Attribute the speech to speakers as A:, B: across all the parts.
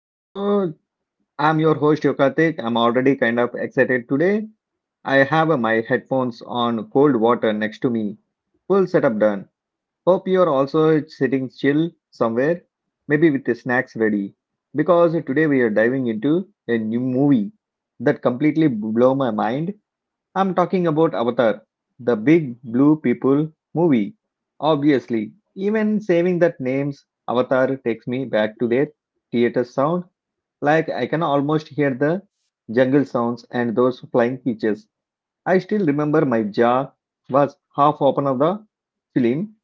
A: So I'm your host Yokatik. I'm already kind of excited today. I have my headphones on cold water next to me. Full setup done. Hope you're also sitting chill somewhere, maybe with the snacks ready. Because today we are diving into a new movie that completely blew my mind. I'm talking about Avatar, the big blue people movie. Obviously, even saving that name's Avatar takes me back to their theater sound. Like I can almost hear the jungle sounds and those flying creatures. I still remember my jaw was half open of the film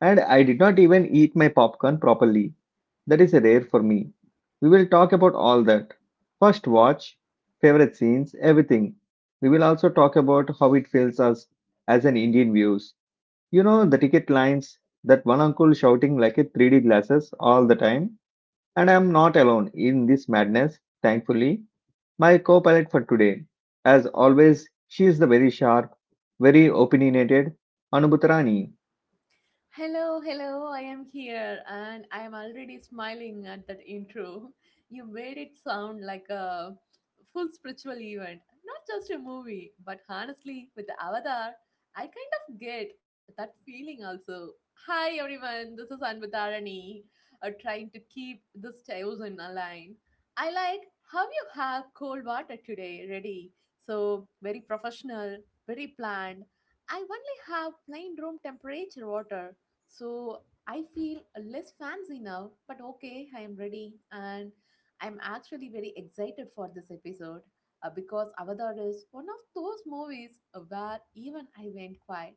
A: and I did not even eat my popcorn properly. That is rare for me. We will talk about all that. First watch, favorite scenes, everything. We will also talk about how it feels us as an Indian views. You know the ticket lines, that one uncle shouting like a 3D glasses all the time. And I am not alone in this madness, thankfully. My co-pilot for today. As always, she is the very sharp, very opinionated Anubutarani.
B: Hello, hello, I am here and I am already smiling at that intro. You made it sound like a full spiritual event, not just a movie, but honestly, with the Avatar, I kind of get that feeling also. Hi everyone, this is Anvatarani, trying to keep this chosen aligned. I like how you have cold water today ready, so very professional, very planned. I only have plain room temperature water so I feel less fancy now, but okay, I am ready and I'm actually very excited for this episode because Avatar is one of those movies where even I went quiet.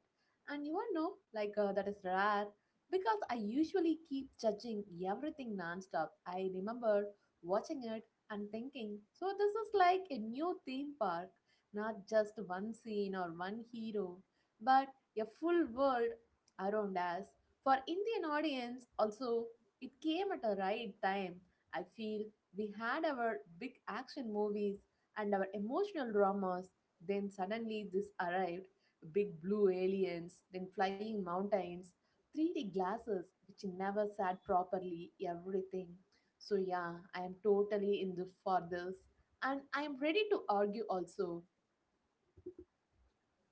B: And you all know, like that is rare because I usually keep judging everything nonstop. I remember watching it and thinking, so this is like a new theme park, not just one scene or one hero, but a full world around us. For Indian audience also it came at a right time. I feel we had our big action movies and our emotional dramas, then suddenly this arrived, big blue aliens, then flying mountains, 3D glasses which never sat properly, everything. So yeah, I am totally in the for this and I am ready to argue also.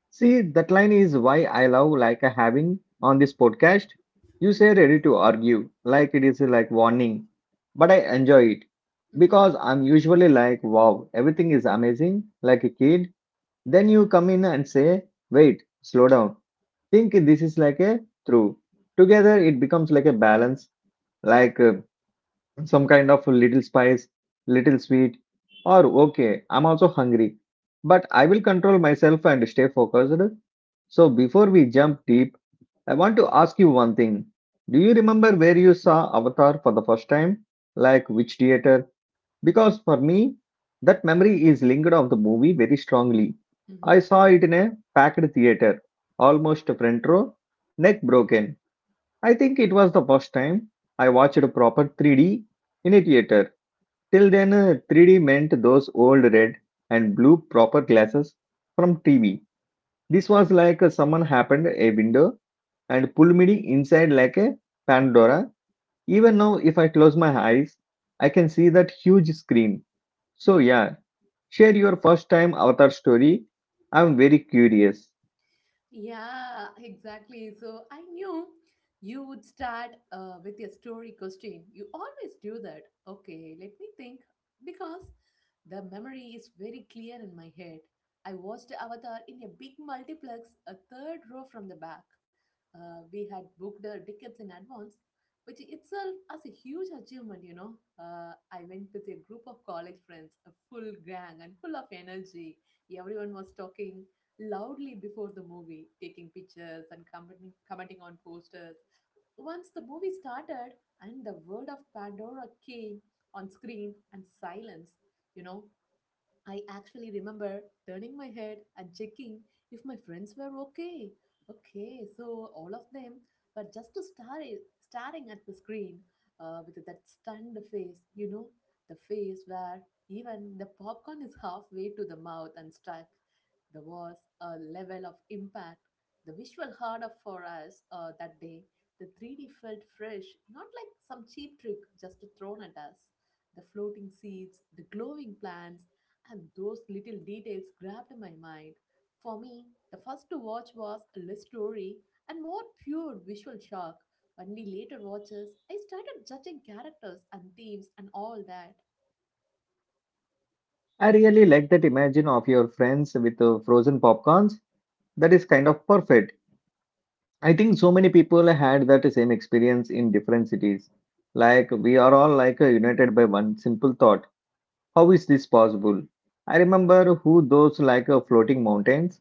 A: See, that line is why I love like a having on this podcast. You say ready to argue, like it is like warning, but I enjoy it because I'm usually like, wow, everything is amazing, like a kid. Then you come in and say, wait, slow down. Think this is like a through. Together, it becomes like a balance. Like some kind of little spice, little sweet, or okay, I'm also hungry. But I will control myself and stay focused. So before we jump deep, I want to ask you one thing. Do you remember where you saw Avatar for the first time? Like which theater? Because for me, that memory is linked of the movie very strongly. I
B: Mhm.
A: saw it in a packed theater, almost front row, neck broken. I think it was the first time I watched a proper 3D in a theater. Till then, 3D meant those old red and blue proper glasses from TV. This was like someone happened a window and pulled me inside like a Pandora. Even now, if I close my eyes, I can see that huge screen. So, yeah, share your first time avatar story. I'm very curious.
B: Yeah, exactly. So I knew you would start with a story question. You always do that. Okay, let me think. Because the memory is very clear in my head. I watched Avatar in a big multiplex, a third row from the back. We had booked the tickets in advance, which itself was a huge achievement, you know. I went with a group of college friends, a full gang and full of energy. Everyone was talking loudly before the movie, taking pictures and commenting on posters. Once the movie started and the world of Pandora came on screen and silence, you know, I actually remember turning my head and checking if my friends were okay. Okay, so all of them were just staring at the screen with that stunned face, you know, the face where even the popcorn is halfway to the mouth and stuck. There was a level of impact, the visual harder for us that day. The 3D felt fresh, not like some cheap trick just thrown at us, the floating seeds, the glowing plants, and those little details grabbed my mind. For me, the first watch was a less story and more pure visual shock. Only later watches, I started judging characters and themes and all that.
A: I really like that imagine of your friends with frozen popcorns. That is kind of perfect. I think so many people had that same experience in different cities. Like we are all like united by one simple thought. How is this possible? I remember who those like floating mountains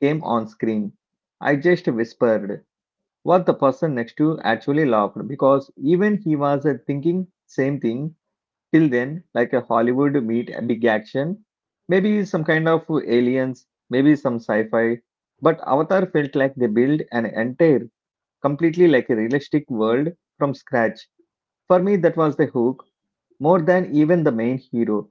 A: came on screen. I just whispered what the person next to actually laughed because even he was thinking same thing till then like a Hollywood meet a big action, maybe some kind of aliens, maybe some sci-fi. But Avatar felt like they built an entire completely like a realistic world from scratch. For me, that was the hook, more than even the main hero.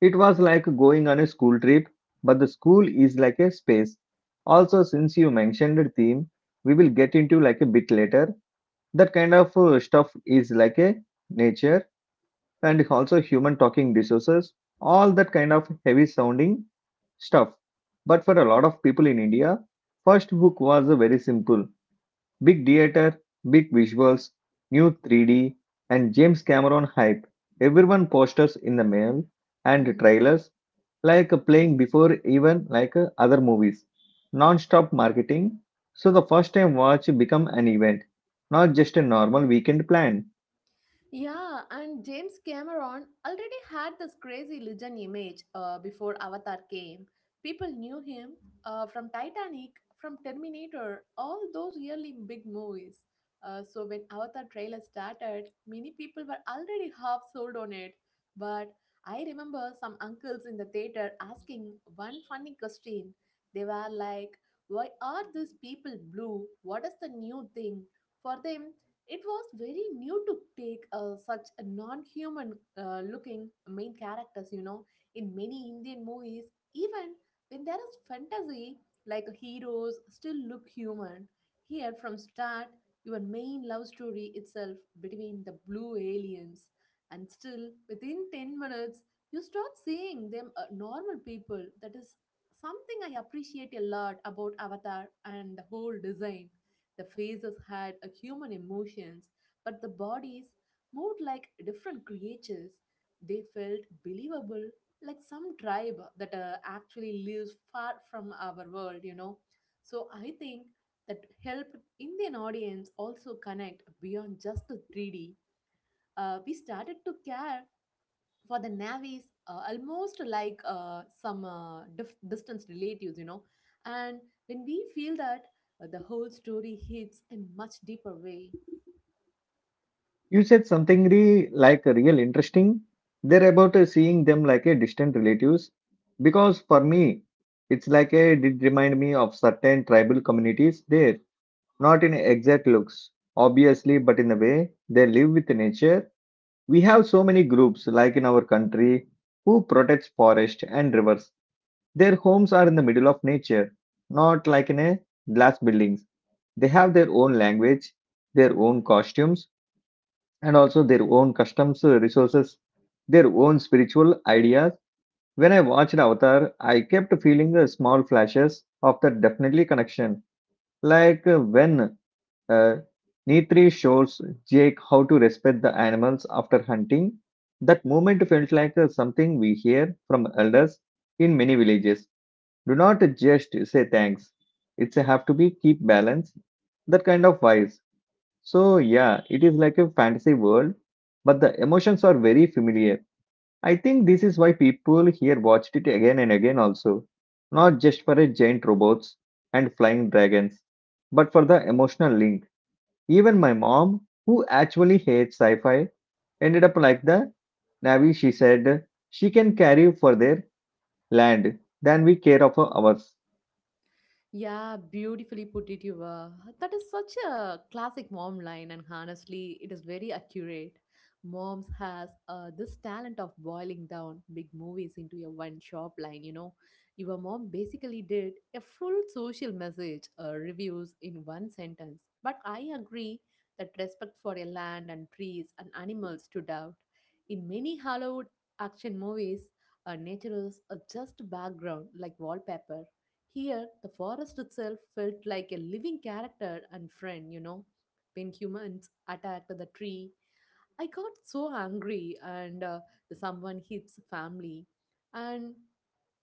A: It was like going on a school trip, but the school is like a space. Also, since you mentioned the theme, we will get into like a bit later. That kind of stuff is like a nature and also human talking resources, all that kind of heavy sounding stuff. But for a lot of people in India, first hook was very simple. Big theater, big visuals, new 3D, and James Cameron hype. Everyone posters in the mail and
B: Hmm.
A: trailers like playing before even like other movies. Non-stop marketing. So the first time watch become an event, not just a normal weekend plan.
B: Yeah, and James Cameron already had this crazy legend image before Avatar came. People knew him from Titanic, from Terminator, all those really big movies. So when Avatar trailer started, many people were already half sold on it. But I remember some uncles in the theater asking one funny question. They were like, "Why are these people blue? What is the new thing?" For them, it was very new to take such a non-human looking main characters, you know, in many Indian movies, even when there is fantasy, like heroes still look human. Here from start, your main love story itself between the blue aliens, and still within 10 minutes, you start seeing them normal people. That is something I appreciate a lot about Avatar and the whole design. The faces had a human emotions, but the bodies moved like different creatures. They felt believable, like some tribe that actually lives far from our world, you know. So I think that helped Indian audience also connect beyond just the 3D. We started to care for the navies almost like some distant relatives, you know. And when we feel that, the whole story hits in much deeper way.
A: You said something like real interesting. They're about seeing them like a distant relatives because for me it's like a, it remind me of certain tribal communities there, not in exact looks, obviously, but in the way they live with nature. We have so many groups, like in our country, who protects forest and rivers. Their homes are in the middle of nature, not like in a glass buildings. They have their own language, their own costumes, and also their own customs, resources, their own spiritual ideas. When I watched Avatar, I kept feeling the small flashes of that definitely connection. Like when uh, Nitri shows Jake how to respect the animals after hunting. That moment felt like something we hear from elders in many villages. Do not just say thanks. It's a have to be keep balance. That kind of wise. So yeah, it is like a fantasy world, but the emotions are very familiar. I think this is why people here watched it again and again also. Not just for a giant robots and flying dragons, but for the emotional link even my mom, who actually hates sci fi, ended up like the Navy. She said she can carry for their land than we care of ours.
B: Yeah, beautifully put it, you were. That is such a classic mom line, and honestly, it is very accurate. Moms has this talent of boiling down big movies into a one shop line. You know, your mom basically did a full social message reviews in one sentence. But I agree that respect for a land and trees and animals stood out. In many Hollywood action movies, nature is just background like wallpaper. Here, the forest itself felt like a living character and friend, you know. When humans attacked the tree, I got so angry and someone hits family. And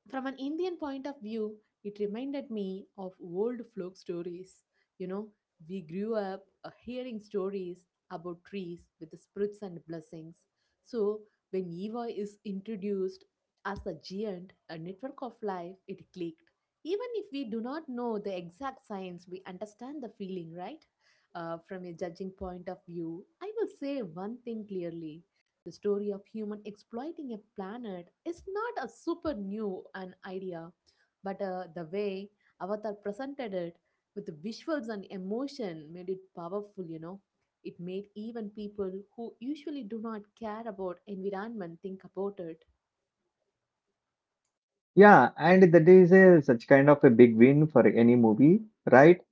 B: from an Indian point of view, it reminded me of old folk stories. You know, we grew up hearing stories about trees with the spirits and blessings. So, when Eva is introduced as a giant, a network of life, it clicked. Even if we do not know the exact science, we understand the feeling, right? From a judging point of view, I will say one thing clearly, the story of human exploiting a planet is not a super new an idea, but the way Avatar presented it with the visuals and emotion made it powerful, you know. It made even people who usually do not care about environment think about it.
A: Yeah, and that is such kind of a big win for any movie, right?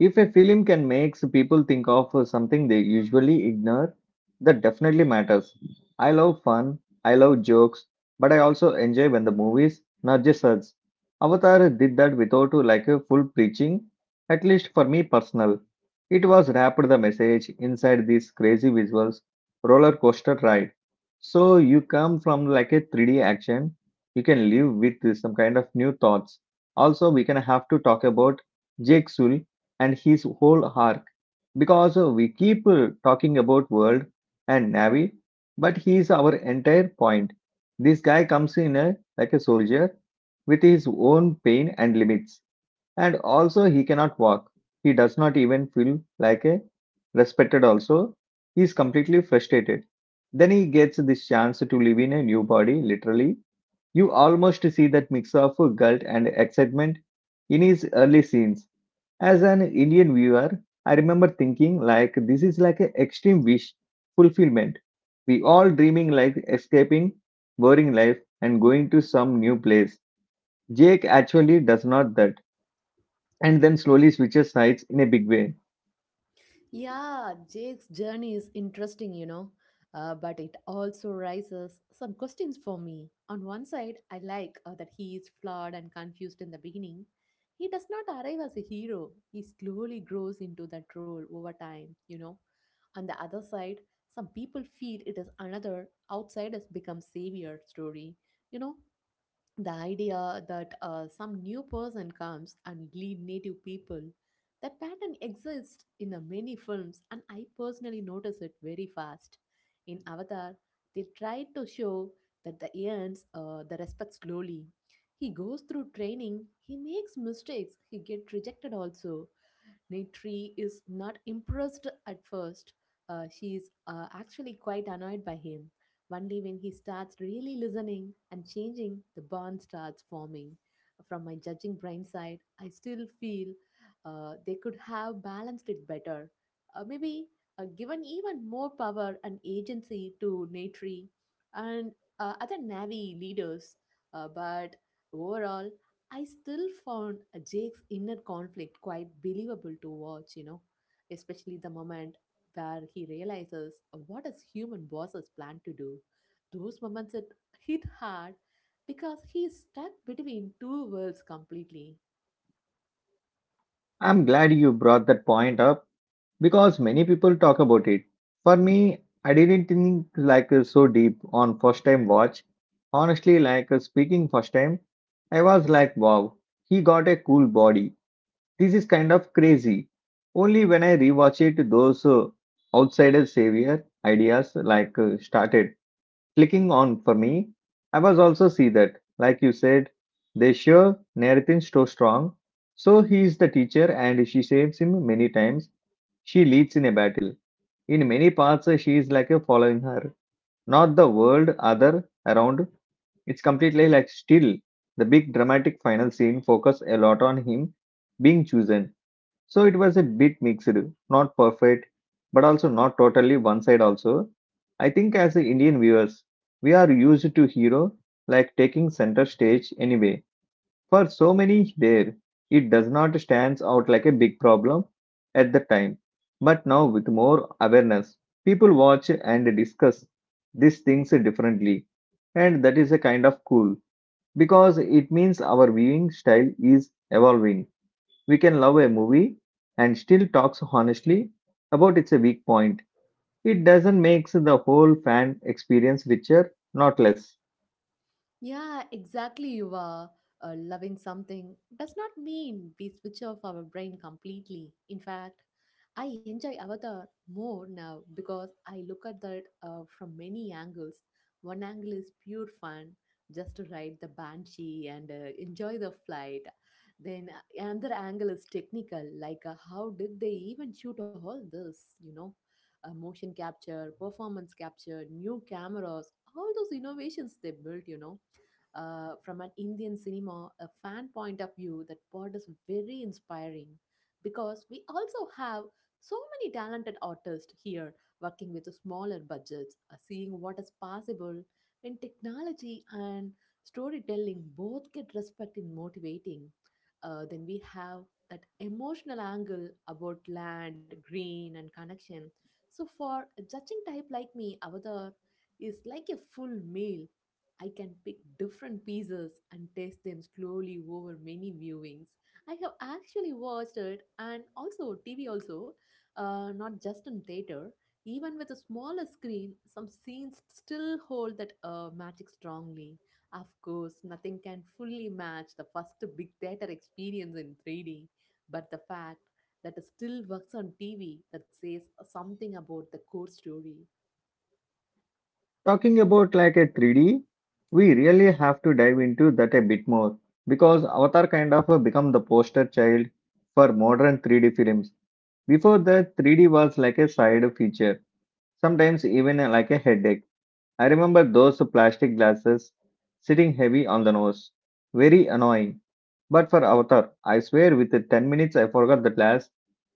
A: If a film can makes people think of something they usually ignore, that definitely matters. I love fun, I love jokes, but I also enjoy when the movies nudges us. Avatar did that without like a full preaching, at least for me personal. It was wrapped the message inside these crazy visuals, roller coaster ride. So you come from like a 3D action, you can live with some kind of new thoughts. Also, we can have to talk about Jake Sully and his whole arc because we keep talking about world and navy, but he is our entire point. This guy comes in like a soldier with his own pain and limits, and also he cannot walk. He does not even feel like a respected also. He is completely frustrated. Then he gets this chance to live in a new body literally. You almost see that mix of guilt and excitement in his early scenes. As an Indian viewer, I remember thinking like this is like an extreme wish fulfillment. We all dreaming like escaping boring life and going to some new place. Jake actually does not that and then slowly switches sides in a big way.
B: Yeah, Jake's journey is interesting, you know, but it also raises some questions for me. On one side, I like that he is flawed and confused in the beginning. He does not arrive as a hero, he slowly grows into that role over time, you know. On the other side, some people feel it is another outsiders become savior story, you know, the idea that some new person comes and lead native people. That pattern exists in the many films and I personally notice it very fast in avatar. They tried to show that the ants, the respect slowly, he goes through training, he makes mistakes, he get rejected also. Nitri is not impressed at first. She is actually quite annoyed by him. One day, when he starts really listening and changing, the bond starts forming. From my judging brain side, I still feel they could have balanced it better. M-aybe given even more power and agency to Natri and other Navy leaders. B-ut overall, I still found Jake's inner conflict quite believable to watch, you know, especially the moment where he realizes what his human bosses plan to do. Those moments it hit hard because he is stuck between two worlds completely.
A: I'm glad you brought that point up because many people talk about it. For me, I didn't think like so deep on first time watch. Honestly, like speaking first time, I was like wow, he got a cool body. This is kind of crazy. Only when I rewatch it, those outsider savior ideas like started clicking on for me. I was also see that, like you said, they sure Narathin's so strong. So he is the teacher and she saves him many times. She leads in a battle. In many parts, she is like a following her, not the world other around. It's completely like still the big dramatic final scene focus a lot on him being chosen so it was a bit mixed, not perfect, but also not totally one side also. I think as the Indian viewers, we are used to hero like taking center stage anyway. For so many there, it does not stands out like a big problem at the time. But now with more awareness, people watch and discuss these things differently. And that is a kind of cool because it means our viewing style is evolving. We can love a movie and still talk honestly about its weak point. It doesn't make the whole fan experience richer, not less.
B: Yeah, exactly. You are loving something does not mean we switch off our brain completely. In fact, I enjoy Avatar more now because I look at that from many angles. One angle is pure fun, just to ride the banshee and enjoy the flight. Then another angle is technical, like how did they even shoot all this? You know, motion capture, performance capture, new cameras, all those innovations they built. You know, from an Indian cinema, a fan point of view, that part is very inspiring because we also have so many talented artists here working with smaller budgets, seeing what is possible when technology and storytelling both get respect in motivating. Then we have that emotional angle about land, green, and connection. So for a judging type like me, Avatar is like a full meal. I can pick different pieces and taste them slowly over many viewings. I have actually watched it and also TV also, not just in theater. Even with a smaller screen, some scenes still hold that magic strongly. Of course, nothing can fully match the first big theater experience in 3D, but the fact that it still works on TV that says something about the core story.
A: Talking about like a 3D, we really have to dive into that a bit more because Avatar kind of become the poster child for modern 3D films. Before that, 3D was like a side feature, sometimes even like a headache. I remember those plastic glasses sitting heavy on the nose. Very annoying. But for Avatar, I swear with the 10 minutes I forgot the class.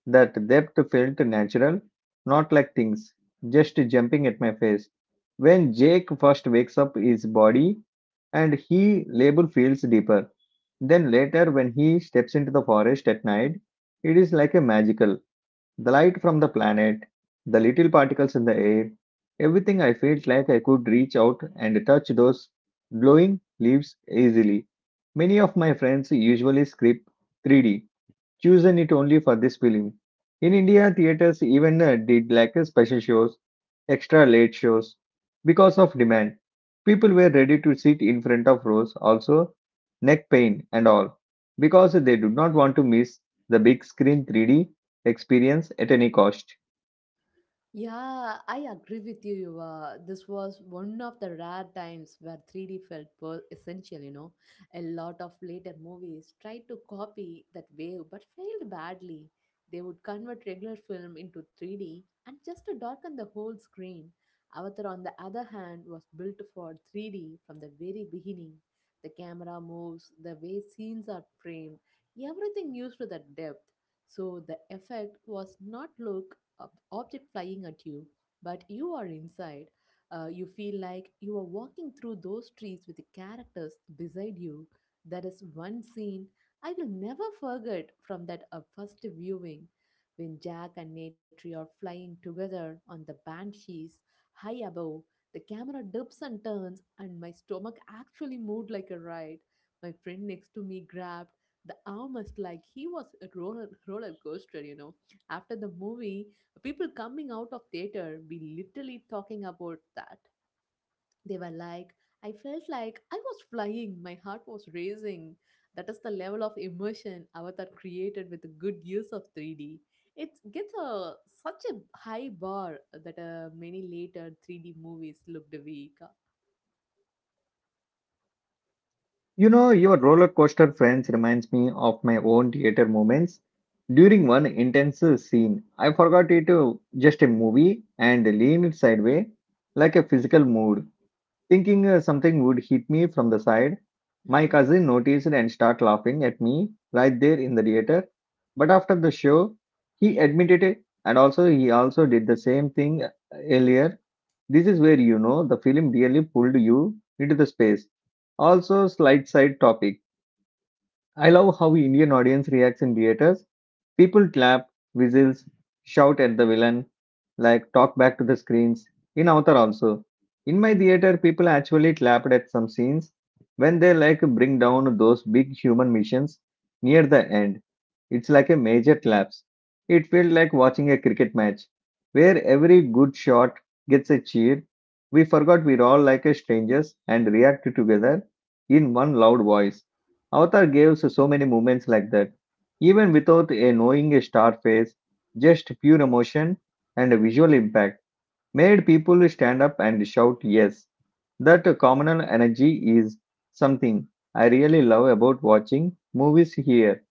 A: That depth felt natural, not like things just jumping at my face. When Jake first wakes up his body and he label feels deeper. Then later when he steps into the forest at night, it is like a magical. The light from the planet, the little particles in the air, everything I felt like I could reach out and touch those glowing leaves easily. Many of my friends usually skip 3D, choosing it only for this film. In India, theaters even did like a special shows extra late shows. Because of demand, people were ready to sit in front of rows, also neck pain and all, because they do not want to miss the big screen 3D experience at any cost.
B: Yeah, I agree with you. Yuva. This was one of the rare times where 3D felt essential, you know. A lot of later movies tried to copy that wave but failed badly. They would convert regular film into 3D and just to darken the whole screen. Avatar, on the other hand, was built for 3D from the very beginning. The camera moves, the way scenes are framed, everything used to that depth. So the effect was not look object flying at you, but you are inside. You feel like you are walking through those trees with the characters beside you. That is one scene I will never forget from that first viewing when Jack and Natry are flying together on the banshees high above. The camera dips and turns, and my stomach actually moved like a ride. My friend next to me grabbed the armrest like he was a roller coaster, you know. After the movie, people coming out of theater be literally talking about that. They were like, I felt like I was flying, my heart was racing. That is the level of immersion Avatar created with a good use of 3D. It gets a such a high bar that many later 3D movies looked weak.
A: You know, your roller coaster friends reminds me of my own theater moments. During one intense scene, I forgot it just a movie and leaned sideways like a physical mood. Thinking something would hit me from the side, my cousin noticed and started laughing at me right there in the theater. But after the show, he admitted it and also he also did the same thing earlier. This is where the film really pulled you into the space. Also, slight side topic. I love how Indian audience reacts in theaters. People clap, whistles, shout at the villain, like talk back to the screens. In Avatar also. In my theater, people actually clapped at some scenes when they like bring down those big human missions near the end. It's like a major collapse. It felt like watching a cricket match where every good shot gets a cheer. We forgot we're all like a strangers and reacted together in one loud voice. Avatar gave us so many moments like that, even without a knowing a star face, just pure emotion and a visual impact made people stand up and shout yes. That communal energy is something I really love about watching movies here.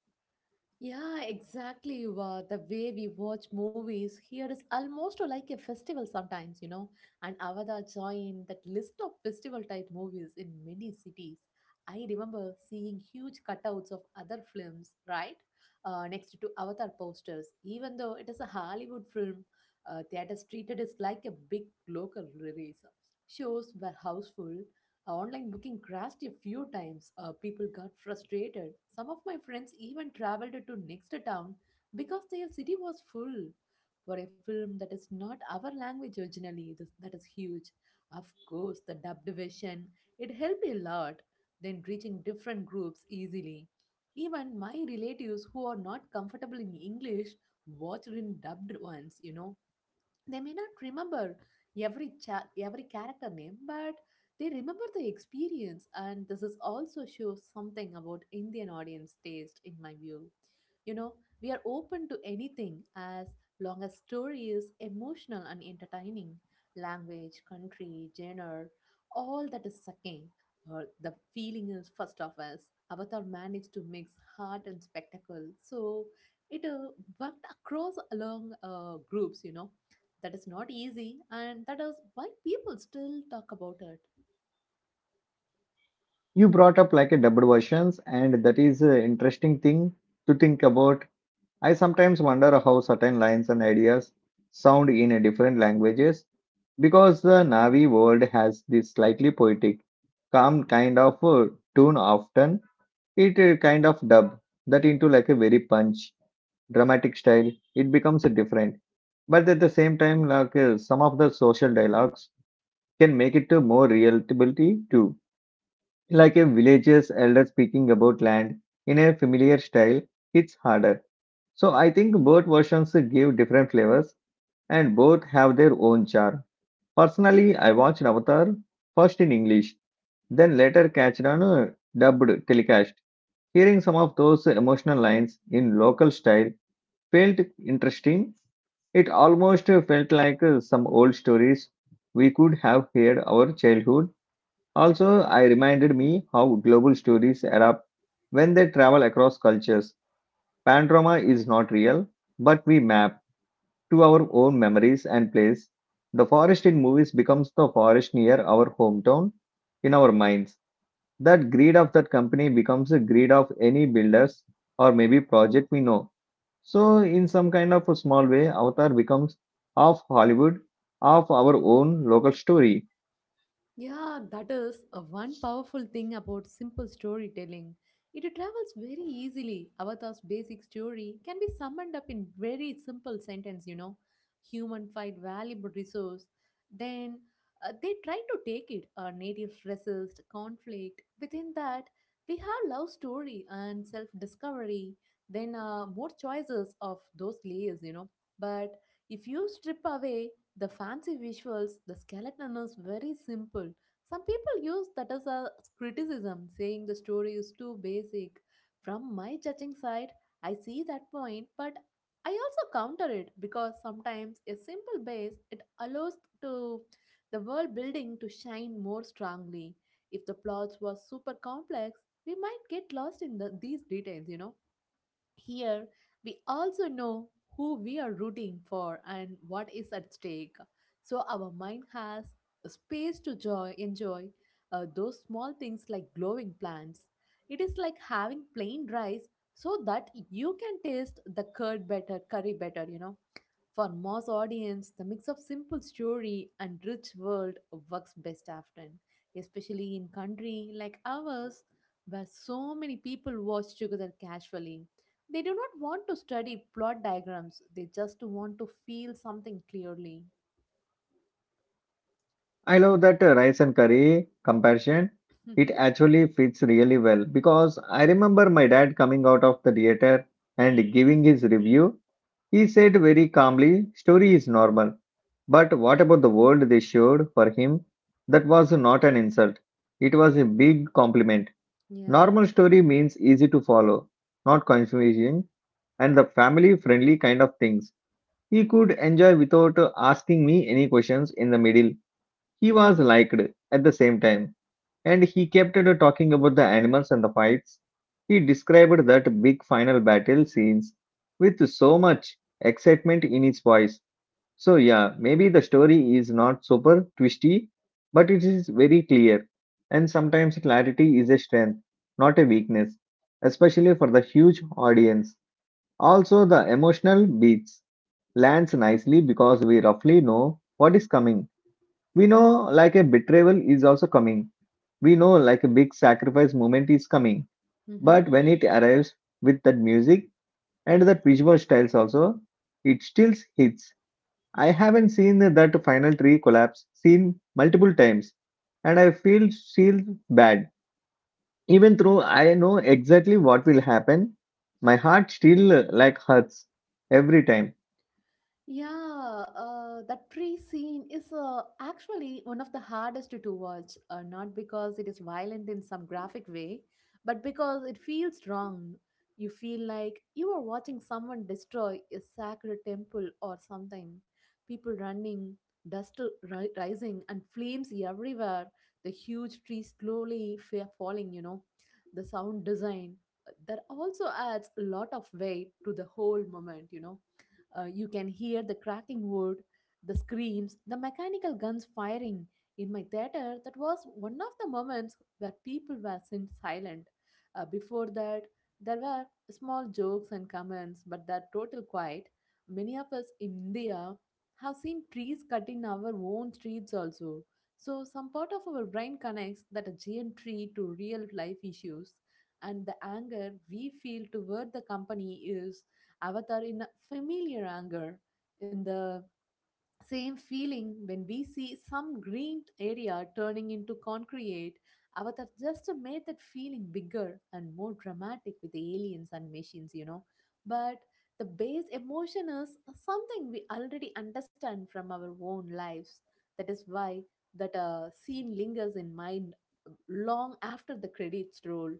B: Yeah, exactly. The way we watch movies here is almost like a festival sometimes, you know. And Avada joined that list of festival type movies in many cities. I remember seeing huge cutouts of other films, right? Next to Avatar posters. Even though it is a Hollywood film, theaters treated it like a big local release. Shows were houseful, online booking crashed a few times. People got frustrated. Some of my friends even traveled to next town because their city was full. For a film that is not our language originally, that is huge. Of course, the dubbed version, it helped a lot, then reaching different groups easily. Even my relatives who are not comfortable in English watched in dubbed ones, they may not remember every character name, but they remember the experience, and this is also shows something about Indian audience taste in my view. you know we are open to anything as long as story is emotional and entertaining. Language country genre, all that is sucking or the feeling is first of us. Avatar managed to mix heart and spectacle, so it worked across along groups, that is not easy, and that is why people still talk about it.
A: You brought up like a double versions, and that is an interesting thing to think about. I sometimes wonder how certain lines and ideas sound in a different languages, because the Navi world has this slightly poetic calm kind of tune often. It kind of dub that into like a very punch dramatic style, it becomes different. But at the same time, like some of the social dialogues can make it to more relatability too. Like a village's elder speaking about land in a familiar style, it's harder. So I think both versions give different flavors and both have their own charm. Personally, I watched Avatar first in English, then later catched on a dubbed telecast. Hearing some of those emotional lines in local style felt interesting. It almost felt like some old stories we could have heard our childhood. Also, I reminded me how global stories adapt when they travel across cultures. Panorama is not real, but we map to our own memories and place. The forest in movies becomes the forest near our hometown in our minds. That greed of that company becomes a greed of any builders or maybe project we know. So, in some kind of a small way, Avatar becomes half Hollywood, half our own local story.
B: Yeah, that is a one powerful thing about simple storytelling. It travels very easily. Avatar's basic story can be summed up in very simple sentence, you know. Human fight valuable resource. Then they try to take it. Our native resist, conflict. Within that, we have love story and self-discovery. Then more choices of those layers, you know. But if you strip away the fancy visuals, the skeleton is very simple. Some people use that as a criticism, saying the story is too basic. From my judging side, I see that point, but I also counter it because sometimes a simple base it allows to the world building to shine more strongly. If the plots was super complex, we might get lost in these details, you know. Here, we also know who we are rooting for and what is at stake. So, our mind has space to enjoy those small things like glowing plants. It is like having plain rice so that you can taste the curd better, curry better, you know. For mass audience, the mix of simple story and rich world works best often, especially in country like ours where so many people watch together casually. They do not want to study plot diagrams, they just want to feel something clearly.
A: I love that rice and curry comparison. It actually fits really well because I remember my dad coming out of the theater and giving his review. He said very calmly, story is normal. But what about the world they showed for him? That was not an insult. It was a big compliment.
B: Yeah.
A: Normal story means easy to follow, not confusing, and the family friendly kind of things. He could enjoy without asking me any questions in the middle. He was liked at the same time, and he kept talking about the animals and the fights. He described that big final battle scenes with so much excitement in his voice. So, yeah, maybe the story is not super twisty, but it is very clear. And sometimes clarity is a strength, not a weakness, especially for the huge audience. Also, the emotional beats lands nicely because we roughly know what is coming. We know like a betrayal is also coming. We know like a big sacrifice moment is coming.
B: Mm-hmm.
A: But when it arrives with that music and that visual styles also, it still hits. I haven't seen that final tree collapse seen multiple times and I feel still bad. Even though I know exactly what will happen, my heart still like hurts every time.
B: Yeah, that tree scene is actually one of the hardest to watch, not because it is violent in some graphic way, but because it feels wrong. You feel like you are watching someone destroy a sacred temple or something. People running, dust rising, and flames everywhere. The huge tree slowly falling, you know. The sound design that also adds a lot of weight to the whole moment, you know. You can hear the cracking wood, the screams, the mechanical guns firing. In my theater, that was one of the moments where people were silent. Before that, there were small jokes and comments, but that total quiet. Many of us in India have seen trees cut in our own streets also. So, some part of our brain connects that a giant tree to real life issues, and the anger we feel toward the company is avatar in a familiar anger, in the same feeling when we see some green area turning into concrete. Avatar just made that feeling bigger and more dramatic with the aliens and machines, you know. But the base emotion is something we already understand from our own lives. That is why that scene lingers in mind long after the credits roll.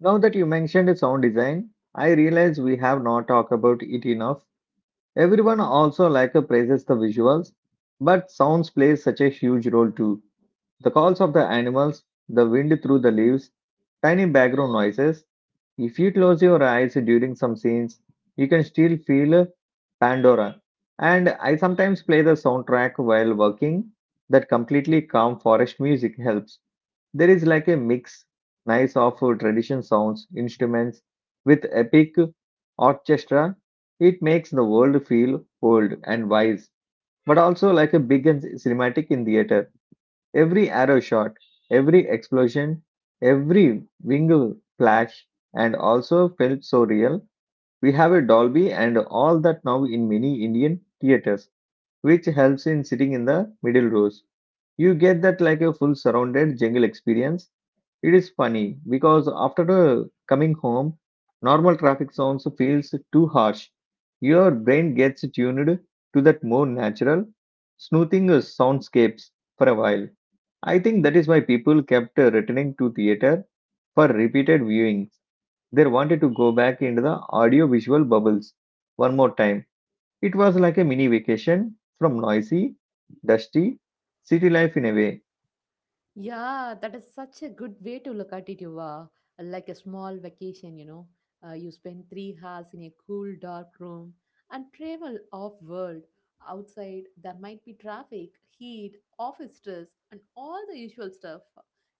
A: Now that you mentioned sound design, I realize we have not talked about it enough. Everyone also like praises the visuals, but sounds plays such a huge role too. The calls of the animals, the wind through the leaves, tiny background noises. If you close your eyes during some scenes, you can still feel Pandora. And I sometimes play the soundtrack while working. That completely calm forest music helps. There is like a mix, nice of tradition sounds, instruments with epic orchestra. It makes the world feel old and wise, but also like a big and cinematic in theater. Every arrow shot, every explosion, every wing flash, and also felt so real. We have a Dolby and all that now in many Indian theaters, which helps in sitting in the middle rows. You get that like a full surrounded jungle experience. It is funny because after coming home, normal traffic sounds feels too harsh. Your brain gets tuned to that more natural, smoothing soundscapes for a while. I think that is why people kept returning to theater for repeated viewings. They wanted to go back into the audio visual bubbles one more time. It was like a mini vacation from noisy, dusty city life in a way.
B: Yeah, that is such a good way to look at it, Yuva. Like a small vacation, you know. You spend 3 hours in a cool, dark room and travel off world. Outside, there might be traffic, heat, office stress, and all the usual stuff.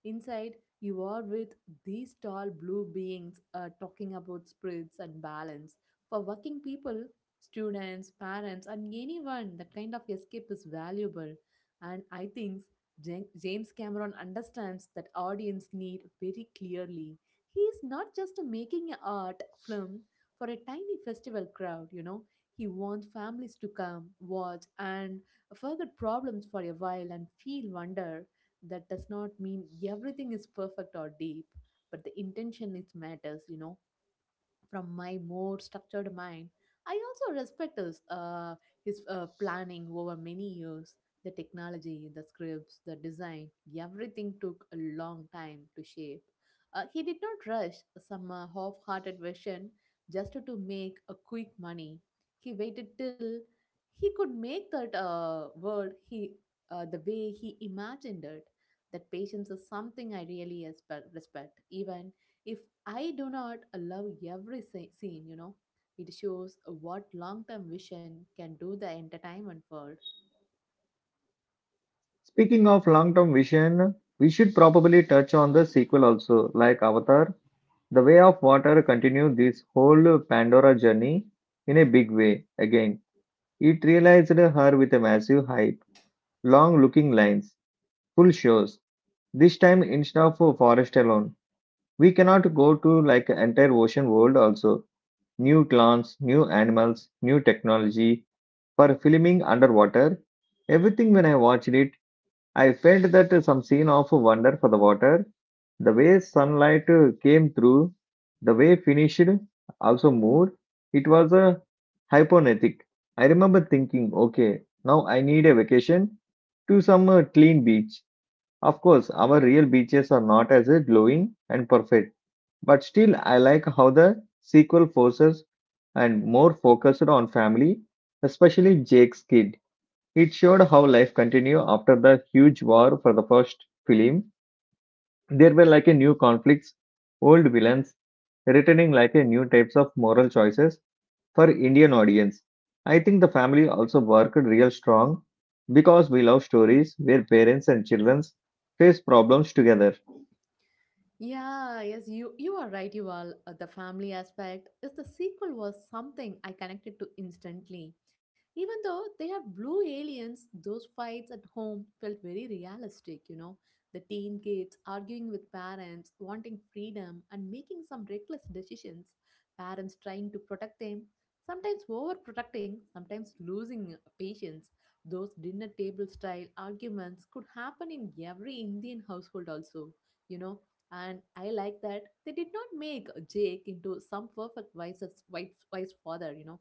B: Inside, you are with these tall blue beings talking about spirits and balance. For working people, students, parents, and anyone, that kind of escape is valuable. And I think James Cameron understands that audience need very clearly. He is not just making an art film for a tiny festival crowd, you know. He wants families to come, watch, and forget problems for a while and feel wonder. That does not mean everything is perfect or deep, but the intention is matters, from my more structured mind. I also respect his planning over many years. The technology, the scripts, the design, everything took a long time to shape. He did not rush some half hearted version just to make a quick money. He waited till he could make that world the way he imagined it. That patience is something I really respect, even if I do not love every scene, you know, it shows what long term vision can do the entertainment world.
A: Speaking of long term vision, we should probably touch on the sequel also, like Avatar. The Way of Water continued this whole Pandora journey in a big way. Again, it realized her with a massive hype, long looking lines, full shows. This time, instead of a forest alone, we cannot go to like entire ocean world also. New clans, new animals, new technology for filming underwater. Everything when I watched it, I felt that some scene of wonder for the water, the way sunlight came through, the way finished, also moved. It was a hypnotic. I remember thinking, okay, now I need a vacation to some clean beach. Of course, our real beaches are not as glowing and perfect, but still, I like how the sequel forces and more focused on family, especially Jake's kid. It showed how life continued after the huge war for the first film. There were like a new conflicts, old villains, returning like a new types of moral choices for Indian audience. I think the family also worked real strong because we love stories where parents and children face problems together.
B: Yeah, yes, you are right, You all. The family aspect is the sequel was something I connected to instantly. Even though they are blue aliens, those fights at home felt very realistic, you know. The teen kids arguing with parents, wanting freedom and making some reckless decisions, parents trying to protect them, sometimes overprotecting, sometimes losing patience. Those dinner table style arguments could happen in every Indian household also, you know and I like that they did not make Jake into some perfect wise father, you know.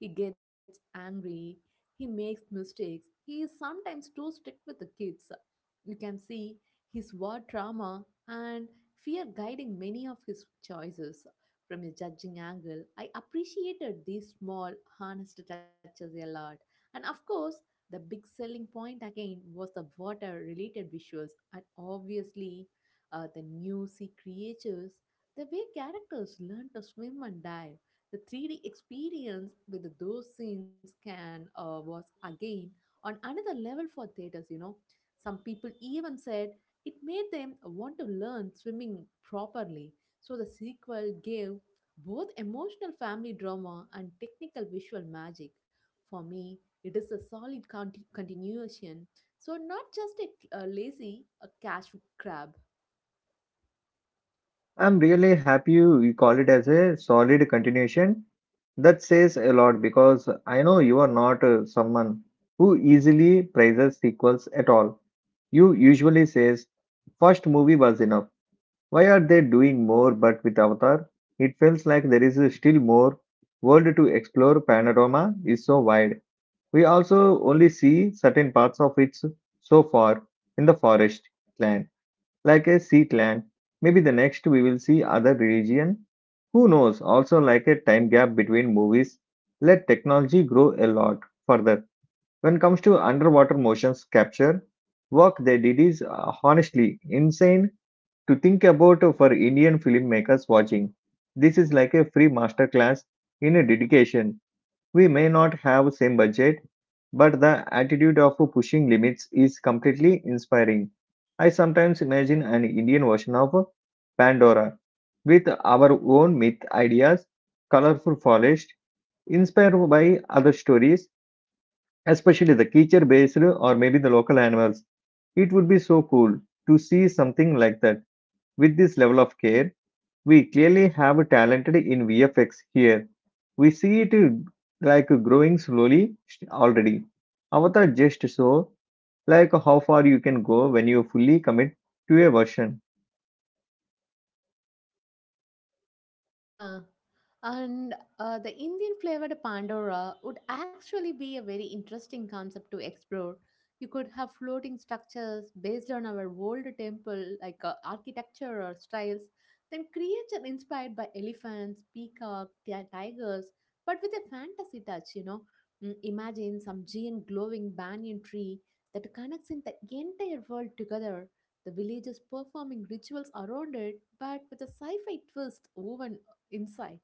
B: He gets angry, he makes mistakes, he is sometimes too strict with the kids. You can see his war trauma and fear guiding many of his choices. From a judging angle, I appreciated these small, honest touches a lot. And of course, the big selling point again was the water related visuals, and obviously the new sea creatures, the way characters learn to swim and dive. The 3D experience with those scenes can was again on another level for theaters. You know, some people even said it made them want to learn swimming properly. So the sequel gave both emotional family drama and technical visual magic. For me, it is a solid continuation. So not just a lazy a cash grab.
A: I'm really happy you call it as a solid continuation. That says a lot because I know you are not someone who easily praises sequels at all. You usually says first movie was enough. Why are they doing more? But with Avatar, it feels like there is still more world to explore. Panorama is so wide. We also only see certain parts of it so far in the forest land like a sea clan. Maybe the next we will see other religion. Who knows? Also like a time gap between movies. Let technology grow a lot further. When comes to underwater motions capture, work they did is honestly insane to think about for Indian filmmakers watching. This is like a free masterclass in a dedication we may not have same budget, but the attitude of pushing limits is completely inspiring. I sometimes imagine an Indian version of Pandora with our own myth ideas, colorful forest, inspired by other stories, especially the creature based or maybe the local animals. It would be so cool to see something like that with this level of care. We clearly have talented in VFX here. We see it like growing slowly already. Avatar just so like how far you can go when you fully commit to a version.
B: Yeah, and the Indian flavored Pandora would actually be a very interesting concept to explore. You could have floating structures based on our old temple, like architecture or styles, then creature inspired by elephants, peacock, tigers, but with a fantasy touch, you know. Imagine some giant glowing banyan tree that connects in the entire world together, the villagers performing rituals around it, but with a sci fi twist woven inside.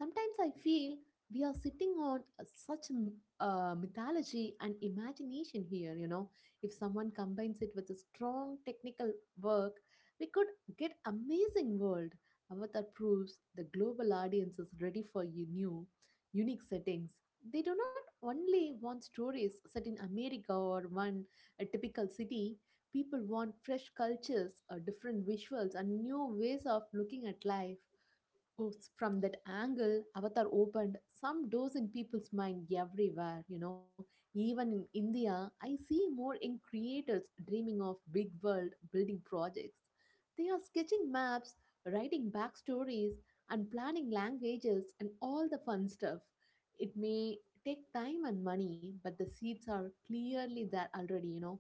B: Sometimes I feel we are sitting on such mythology and imagination here, you know. If someone combines it with a strong technical work, we could get amazing world. Avatar proves the global audience is ready for you new, unique settings. They do not only want stories set in America or one a typical city. People want fresh cultures, different visuals, and new ways of looking at life. From that angle, Avatar opened some doors in people's mind everywhere, you know. Even in India, I see more young creators dreaming of big world building projects. They are sketching maps, writing backstories, and planning languages and all the fun stuff. It may take time and money, but the seeds are clearly there already, you know.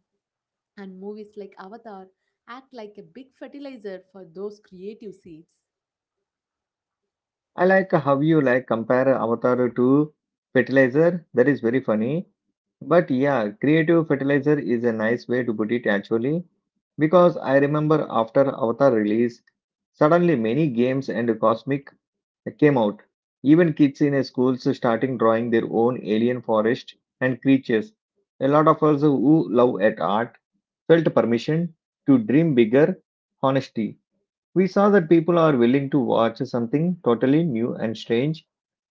B: And movies like Avatar act like a big fertilizer for those creative seeds.
A: I like how you like compare Avatar to fertilizer. That is very funny. But yeah, creative fertilizer is a nice way to put it actually because I remember after Avatar release, suddenly many games and cosmic came out. Even kids in schools starting drawing their own alien forest and creatures. A lot of us who love at art felt permission to dream bigger. Honesty. We saw that people are willing to watch something totally new and strange.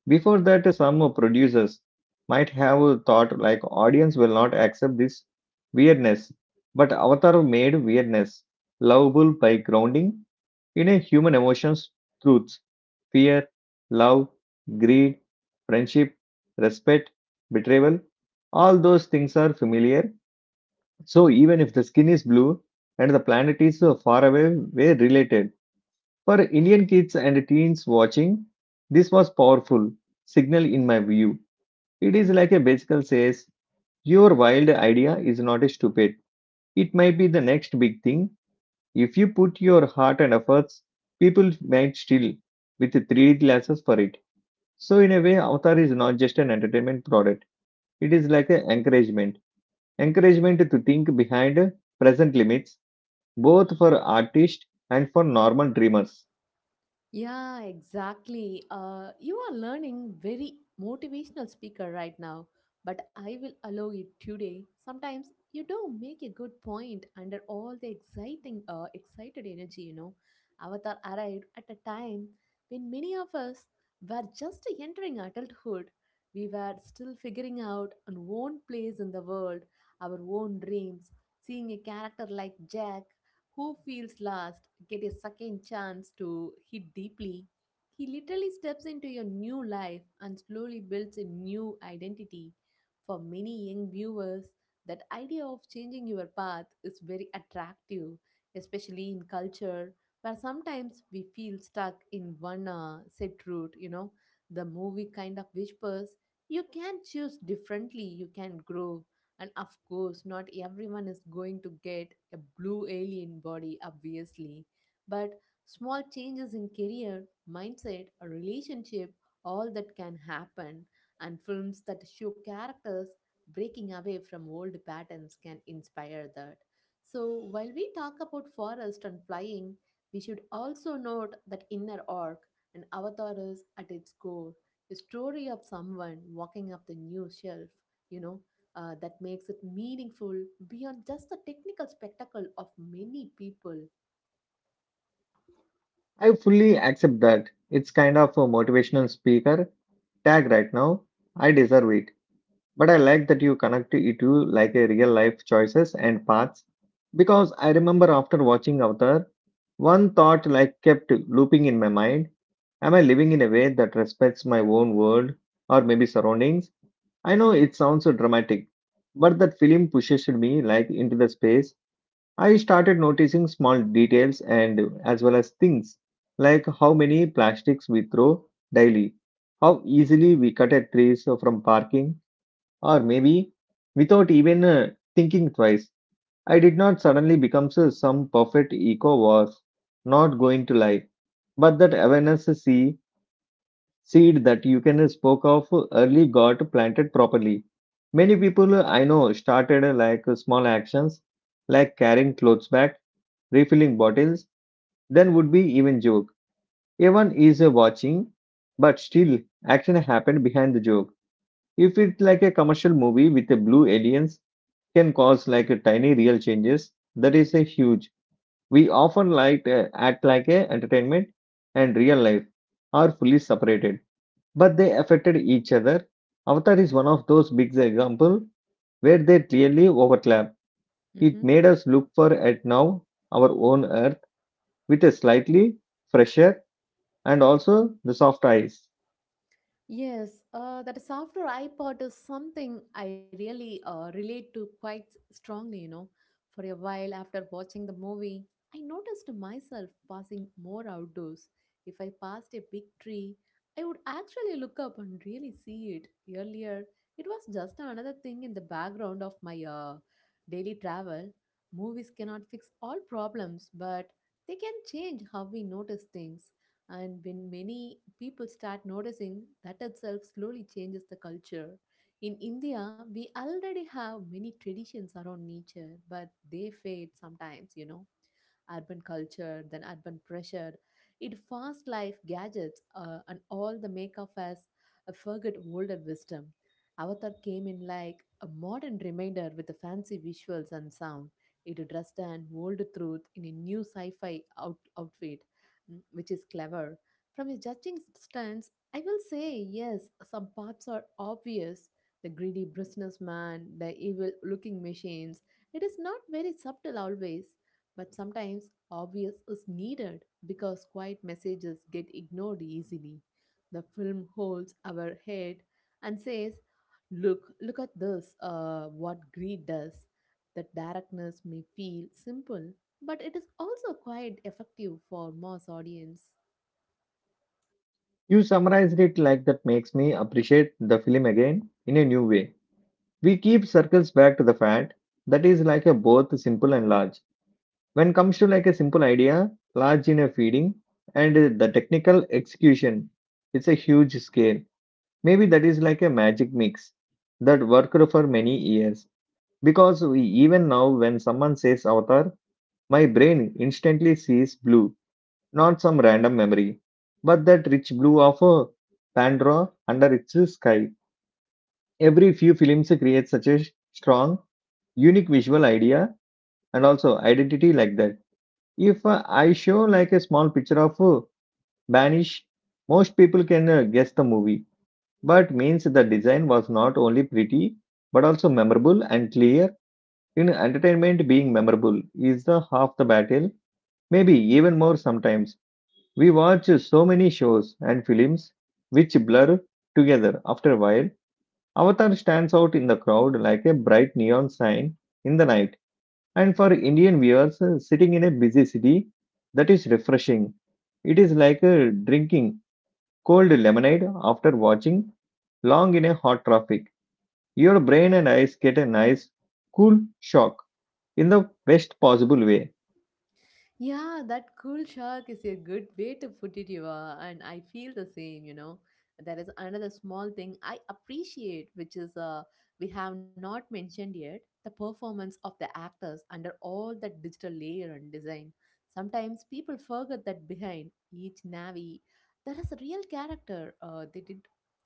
A: Before that, some producers might have thought like audience will not accept this weirdness. But Avatar made weirdness lovable by grounding in a human emotions, truths, fear, love, greed, friendship, respect, betrayal, all those things are familiar. So even if the skin is blue and the planet is far away, we're related. For Indian kids and teens watching, this was powerful signal in my view. It is like a bicycle says, your wild idea is not stupid. It might be the next big thing if you put your heart and efforts, people might still with 3D glasses for it. So in a way, Avatar is not just an entertainment product. It is like an encouragement. Encouragement to think behind present limits, both for artists and for normal dreamers.
B: Yeah, exactly. You are learning very motivational speaker right now, but I will allow it today. Sometimes you do make a good point under all the excited energy. You know, Avatar arrived at a time when many of us were just entering adulthood. We were still figuring out our own place in the world, our own dreams. Seeing a character like Jack who feels lost get a second chance to hit deeply. He literally steps into your new life and slowly builds a new identity. For many young viewers, that idea of changing your path is very attractive, especially in culture where sometimes we feel stuck in one set route. You know, the movie kind of whispers you can choose differently, you can grow, and of course, not everyone is going to get a blue alien body, obviously. But small changes in career, mindset, or relationship, all that can happen. And films that show characters breaking away from old patterns can inspire that. So, while we talk about forest and flying, we should also note that inner arc and avatar is at its core a story of someone walking up the new shelf, you know, that makes it meaningful beyond just the technical spectacle of many people.
A: I fully accept that. It's kind of a motivational speaker tag right now. I deserve it. But I like that you connect it to like a real life choices and paths because I remember after watching Avatar, one thought like kept looping in my mind. Am I living in a way that respects my own world or maybe surroundings? I know it sounds so dramatic, but that film pushes me like into the space. I started noticing small details and as well as things like how many plastics we throw daily, how easily we cut a trees from parking or maybe, without even thinking twice. I did not suddenly become so some perfect eco, was not going to lie. But that awareness, see, seed that you can spoke of early got planted properly. Many people I know started small actions, like carrying clothes back, refilling bottles, then would be even joke. Everyone is watching, but still action happened behind the joke. If it's like a commercial movie with a blue aliens, can cause like a tiny real changes, that is a huge. We often like act like a entertainment and real life are fully separated, but they affected each other. Avatar is one of those big example where they clearly overlap. It made us look for at now our own earth with a slightly fresher and also the soft eyes.
B: Yes, that softer iPod is something I really relate to quite strongly, you know. For a while after watching the movie, I noticed myself passing more outdoors. If I passed a big tree, I would actually look up and really see it. Earlier, it was just another thing in the background of my daily travel. Movies cannot fix all problems, but they can change how we notice things. And when many people start noticing, that itself slowly changes the culture. In India, we already have many traditions around nature, but they fade sometimes, you know. Urban culture, then urban pressure, it fast life gadgets, and all the make of us a forget older wisdom. Avatar came in like a modern reminder with the fancy visuals and sound. It dressed an old truth in a new sci fi outfit, which is clever. From a judging stance, I will say yes, some parts are obvious. The greedy businessman, the evil looking machines. It is not very subtle always, but sometimes obvious is needed because quiet messages get ignored easily. The film holds our head and says, look, look at this, what greed does. The darkness may feel simple, but it is also quite effective for mass audience.
A: You summarized it like that makes me appreciate the film again in a new way. We keep circles back to the fact that is like a both simple and large. When comes to like a simple idea, large in a feeding, and the technical execution, it's a huge scale. Maybe that is like a magic mix that worked for many years, because we, even now when someone says avatar, my brain instantly sees blue. Not some random memory, but that rich blue of a pandora under its sky. Every few films create such a strong, unique visual idea and also identity like that. If I show like a small picture of Banish, most people can guess the movie, but means the design was not only pretty but also memorable and clear. In entertainment, being memorable is the half the battle, maybe even more sometimes. We watch so many shows and films which blur together after a while. Avatar stands out in the crowd like a bright neon sign in the night. And for Indian viewers, sitting in a busy city, that is refreshing. It is like drinking cold lemonade after watching long in a hot traffic. Your brain and eyes get a nice, cool shock in the best possible way.
B: Yeah, that cool shark is a good way to put it, Eva. And I feel the same, you know. There is another small thing I appreciate, which is we have not mentioned yet the performance of the actors under all that digital layer and design. Sometimes people forget that behind each Navi, there is a real character. They did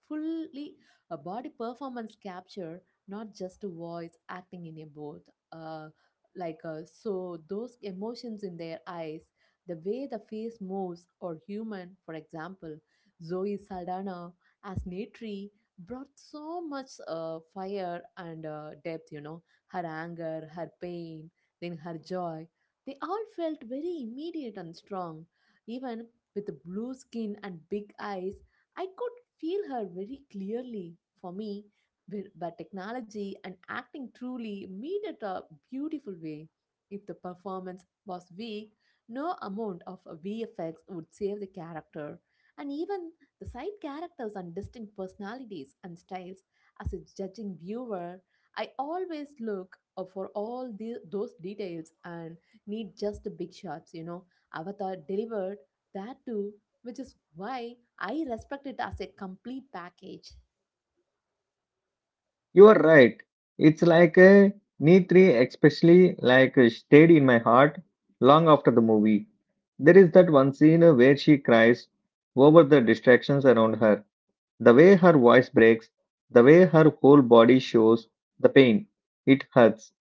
B: fully a body performance capture, not just a voice acting in a booth. So those emotions in their eyes, the way the face moves or human, for example, Zoe Saldana as Natri brought so much fire and depth, you know. Her anger, her pain, then her joy, they all felt very immediate and strong. Even with the blue skin and big eyes, I could feel her very clearly. For me, but technology and acting truly meet at a beautiful way. If the performance was weak, no amount of VFX would save the character. And even the side characters and distinct personalities and styles, as a judging viewer, I always look for all the, those details and need just the big shots. You know, Avatar delivered that too, which is why I respect it as a complete package.
A: You are right. It's like a knee three, especially like stayed in my heart long after the movie. There is that one scene where she cries over the distractions around her. The way her voice breaks, the way her whole body shows the pain, it hurts.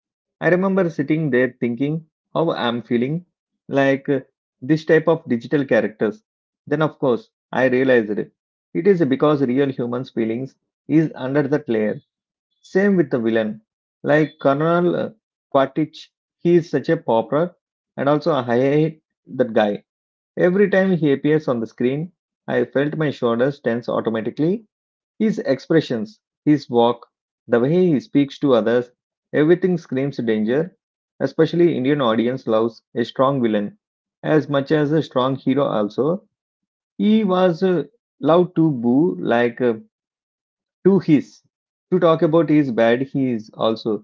A: I remember sitting there thinking how I'm feeling like this type of digital characters. Then, of course, I realized it. It is because real humans' feelings is under that layer. Same with the villain. Like Colonel Quaritch, he is such a pauper, and also I hate that guy. Every time he appears on the screen, I felt my shoulders tense automatically. His expressions, his walk, the way he speaks to others, everything screams danger. Especially Indian audience loves a strong villain as much as a strong hero also. He was loved to boo like to his to talk about his bad he is also.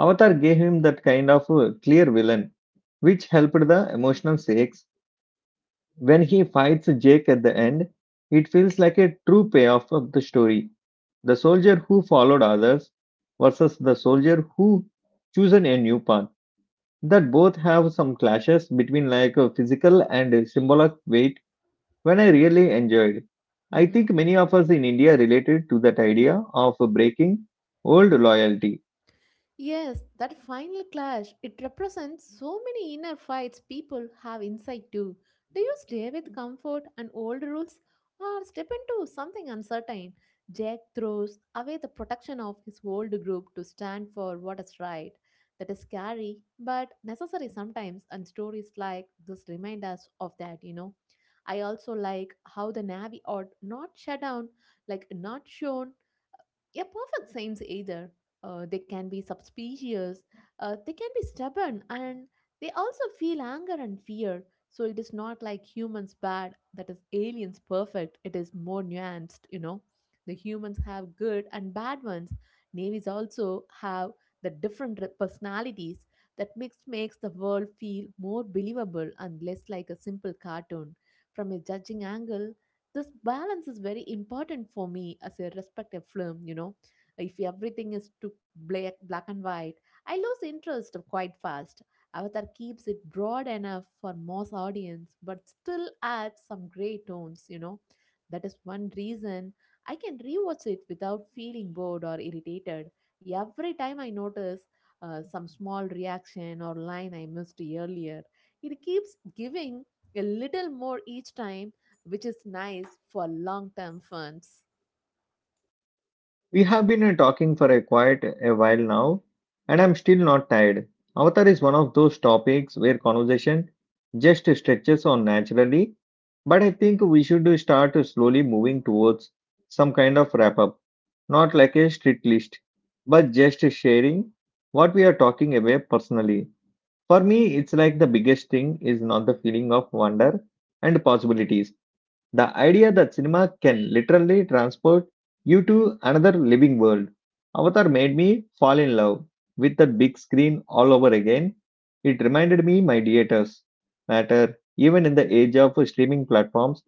A: Avatar gave him that kind of clear villain which helped the emotional stakes. When he fights Jake at the end, it feels like a true payoff of the story. The soldier who followed others versus the soldier who chosen a new path, that both have some clashes between like a physical and symbolic weight when I really enjoyed. I
B: Mhm.
A: think many of us in India related to that idea of breaking old loyalty.
B: Yes, that final clash, it represents so many inner fights people have inside too. Do you stay with comfort and old rules or step into something uncertain? Jack throws away the protection of his old group to stand for what is right. That is scary, but necessary sometimes, and stories like this remind us of that, you know. I also like how the Navy are not shut down, like not shown, a perfect science either. They can be suspicious, they can be stubborn, and they also feel anger and fear. So it is not like humans bad, that is aliens perfect. It is more nuanced, you know. The humans have good and bad ones. Navies also have the different personalities that mixed makes the world feel more believable and less like a simple cartoon. From a judging angle, this balance is very important for me as a respective film, you know. If everything is too black and white, I lose interest quite fast. Avatar keeps it broad enough for most audience but still adds some gray tones, you know. That is one reason I can rewatch it without feeling bored or irritated. Every time I notice some small reaction or line I missed earlier, it keeps giving a little more each time, which is nice for long term funds.
A: We have been talking for a quite a while now, and I'm still not tired. Avatar is one of those topics where conversation just stretches on naturally, but I think we should start slowly moving towards some kind of wrap up, not like a strict list, but just sharing what we are talking about personally. For me, it's like the biggest thing is not the feeling of wonder and possibilities. The idea that cinema can literally transport you to another living world. Avatar made me fall in love with the big screen all over again. It reminded me my theaters matter even in the age of streaming platforms.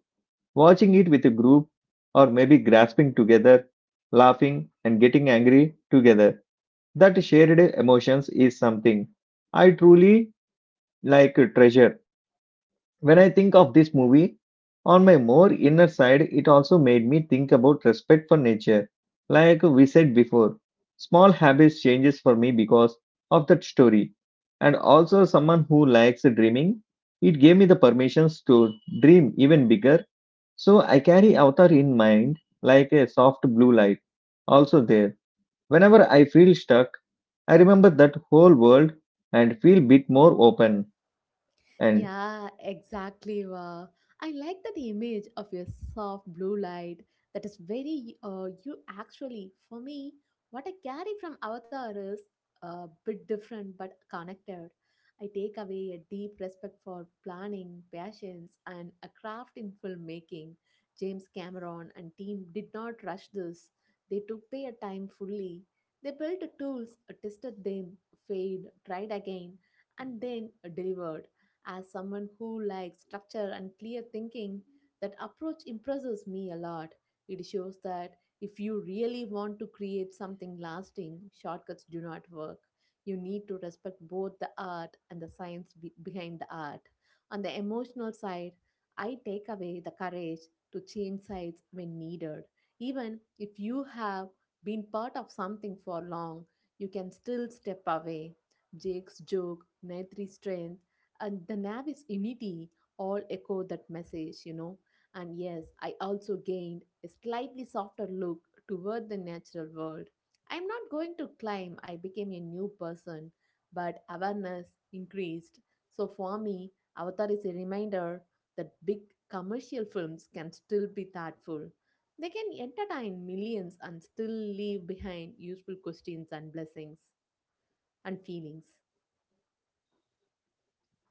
A: Watching it with a group or maybe grasping together, laughing and getting angry together. That shared emotions is something I truly like a treasure. When I think of this movie, on my more inner side, it also made me think about respect for nature. Like we said before, small habits changes for me because of that story. And also someone who likes dreaming, it gave me the permissions to dream even bigger. So I carry Avatar in mind like a soft blue light. Also there, whenever I feel stuck, I remember that whole world and feel bit more open and.
B: Yeah, exactly. Wow. I like that image of a soft blue light, that is very you actually. For me, what I carry from Avatar is a bit different but connected. I take away a deep respect for planning, patience, and a craft in filmmaking. James Cameron and team did not rush this. They took their time fully. They built the tools, tested them, failed, tried again, and then delivered as someone who likes structure and clear thinking, that approach impresses me a lot. It shows that if you really want to create something lasting, shortcuts do not work. You need to respect both the art and the science behind the art. On the emotional side, I take away the courage to change sides when needed. Even if you have been part of something for long, you can still step away. Jake's joke, Naitri's strength, and the Navis unity all echo that message, you know. And yes, I also gained a slightly softer look toward the natural world. I'm not going to claim I became a new person, but awareness increased. So for me, Avatar is a reminder that big commercial films can still be thoughtful. They can entertain millions and still leave behind useful questions and blessings and feelings.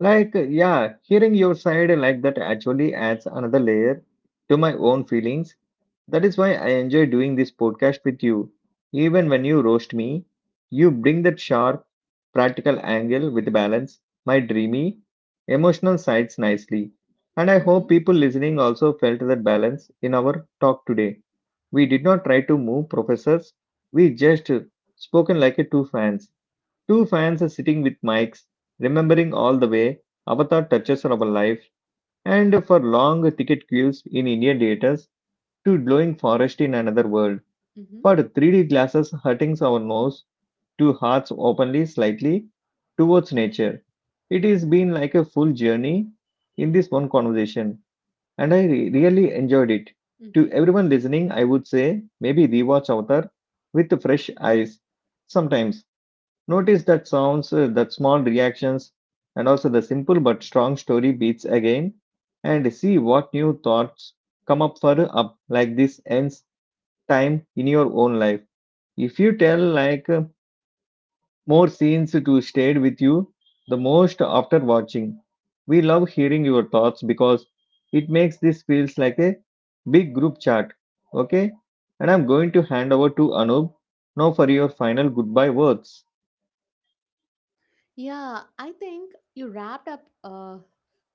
A: Like, yeah, hearing your side like that actually adds another layer to my own feelings. That is why I enjoy doing this podcast with you. Even when you roast me, you bring that sharp, practical angle with balance, my dreamy, emotional sides nicely. And I
B: Mm-hmm.
A: hope people listening also felt that balance in our talk today. We did not try to move professors, we just spoken like a two fans. Two fans are sitting with mics, remembering all the way Avatar touches our life, and for long ticket queues in Indian theaters to glowing forest in another world,
B: Mm-hmm.
A: for 3D glasses hurting our nose, to hearts openly slightly towards nature. It has been like a full journey in this one conversation, and I really enjoyed it. To everyone listening, I would say maybe rewatch Avatar with fresh eyes sometimes. Notice that sounds, that small reactions, and also the simple but strong story beats again, and see what new thoughts come up for up like this ends time in your own life. If you tell like more scenes to stay with you, the most after watching. We love hearing your thoughts because it makes this feels like a big group chat. Okay, and I'm going to hand over to Anub now for your final goodbye words.
B: Yeah, I think you wrapped up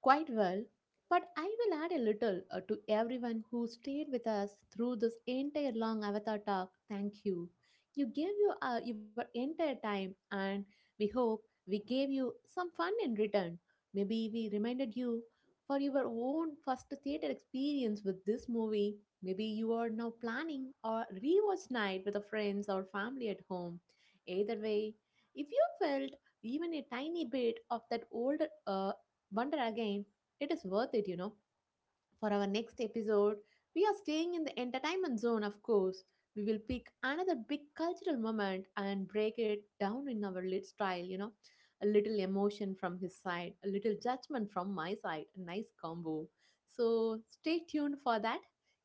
B: quite well, but I will add a little to everyone who stayed with us through this entire long Avatar talk. Thank you. You gave you your entire time, and we hope we gave you some fun in return. Maybe we reminded you for your own first theater experience with this movie. Maybe you are now planning or rewatch night with the friends or family at home. Either way, if you felt even a tiny bit of that old uh, wonder again, it is worth it, you know. For our next episode, we are staying in the entertainment zone, of course. We will pick another big cultural moment and break it down in our lit style, you know. A little emotion from his side, a little judgment from my side, a nice combo. So stay tuned for that.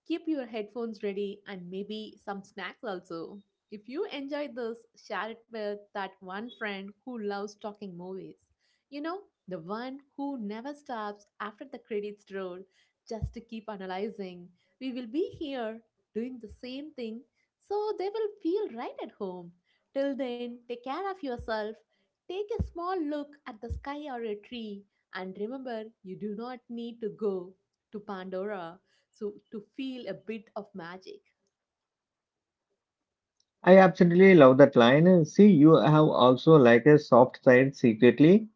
B: Keep your headphones ready and maybe some snacks also. If you enjoyed this, share it with that one friend who loves talking movies. You know, the one who never stops after the credits roll just to keep analyzing. We will be here doing the same thing, so they will feel right at home. Till then, take care of yourself. Take a small look at the sky or a tree, and remember you do not need to go to Pandora so to feel a bit of magic.
A: I absolutely love that line. See, you have also like a soft side secretly.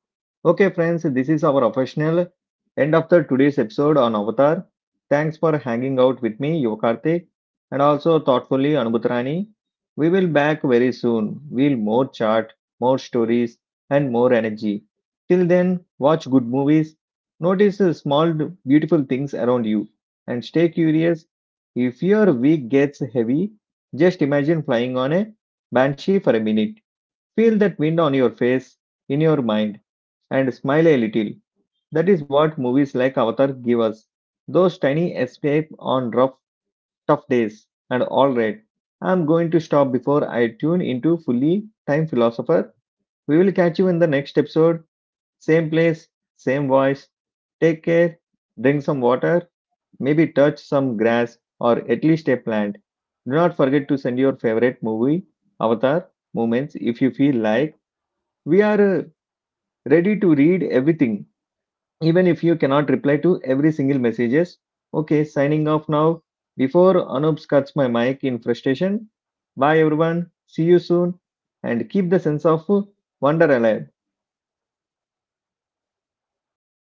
A: Okay, friends, this is our official end of the today's episode on Avatar. Thanks for hanging out with me, Yokartik, and also thoughtfully Anubhutrani. We will back very soon. We'll more chart, more stories, and more energy. Till then, watch good movies, notice the small beautiful things around you, and stay curious. If your week gets heavy, just imagine flying on a banshee for a minute. Feel that wind on your face, in your mind, and smile a little. That is what movies like Avatar give us. Those tiny escape on rough, tough days. And all right, I'm going to stop before I tune into fully time philosopher. We will catch you in the next episode. Same place, same voice. Take care. Drink some water. Maybe touch some grass or at least a plant. Do not forget to send your favorite movie, avatar, moments if you feel like. We are ready to read everything, even if you cannot reply to every single messages. Okay, signing off now. Before Anup cuts my mic in frustration, bye everyone. See you soon and keep the sense of wonder alive.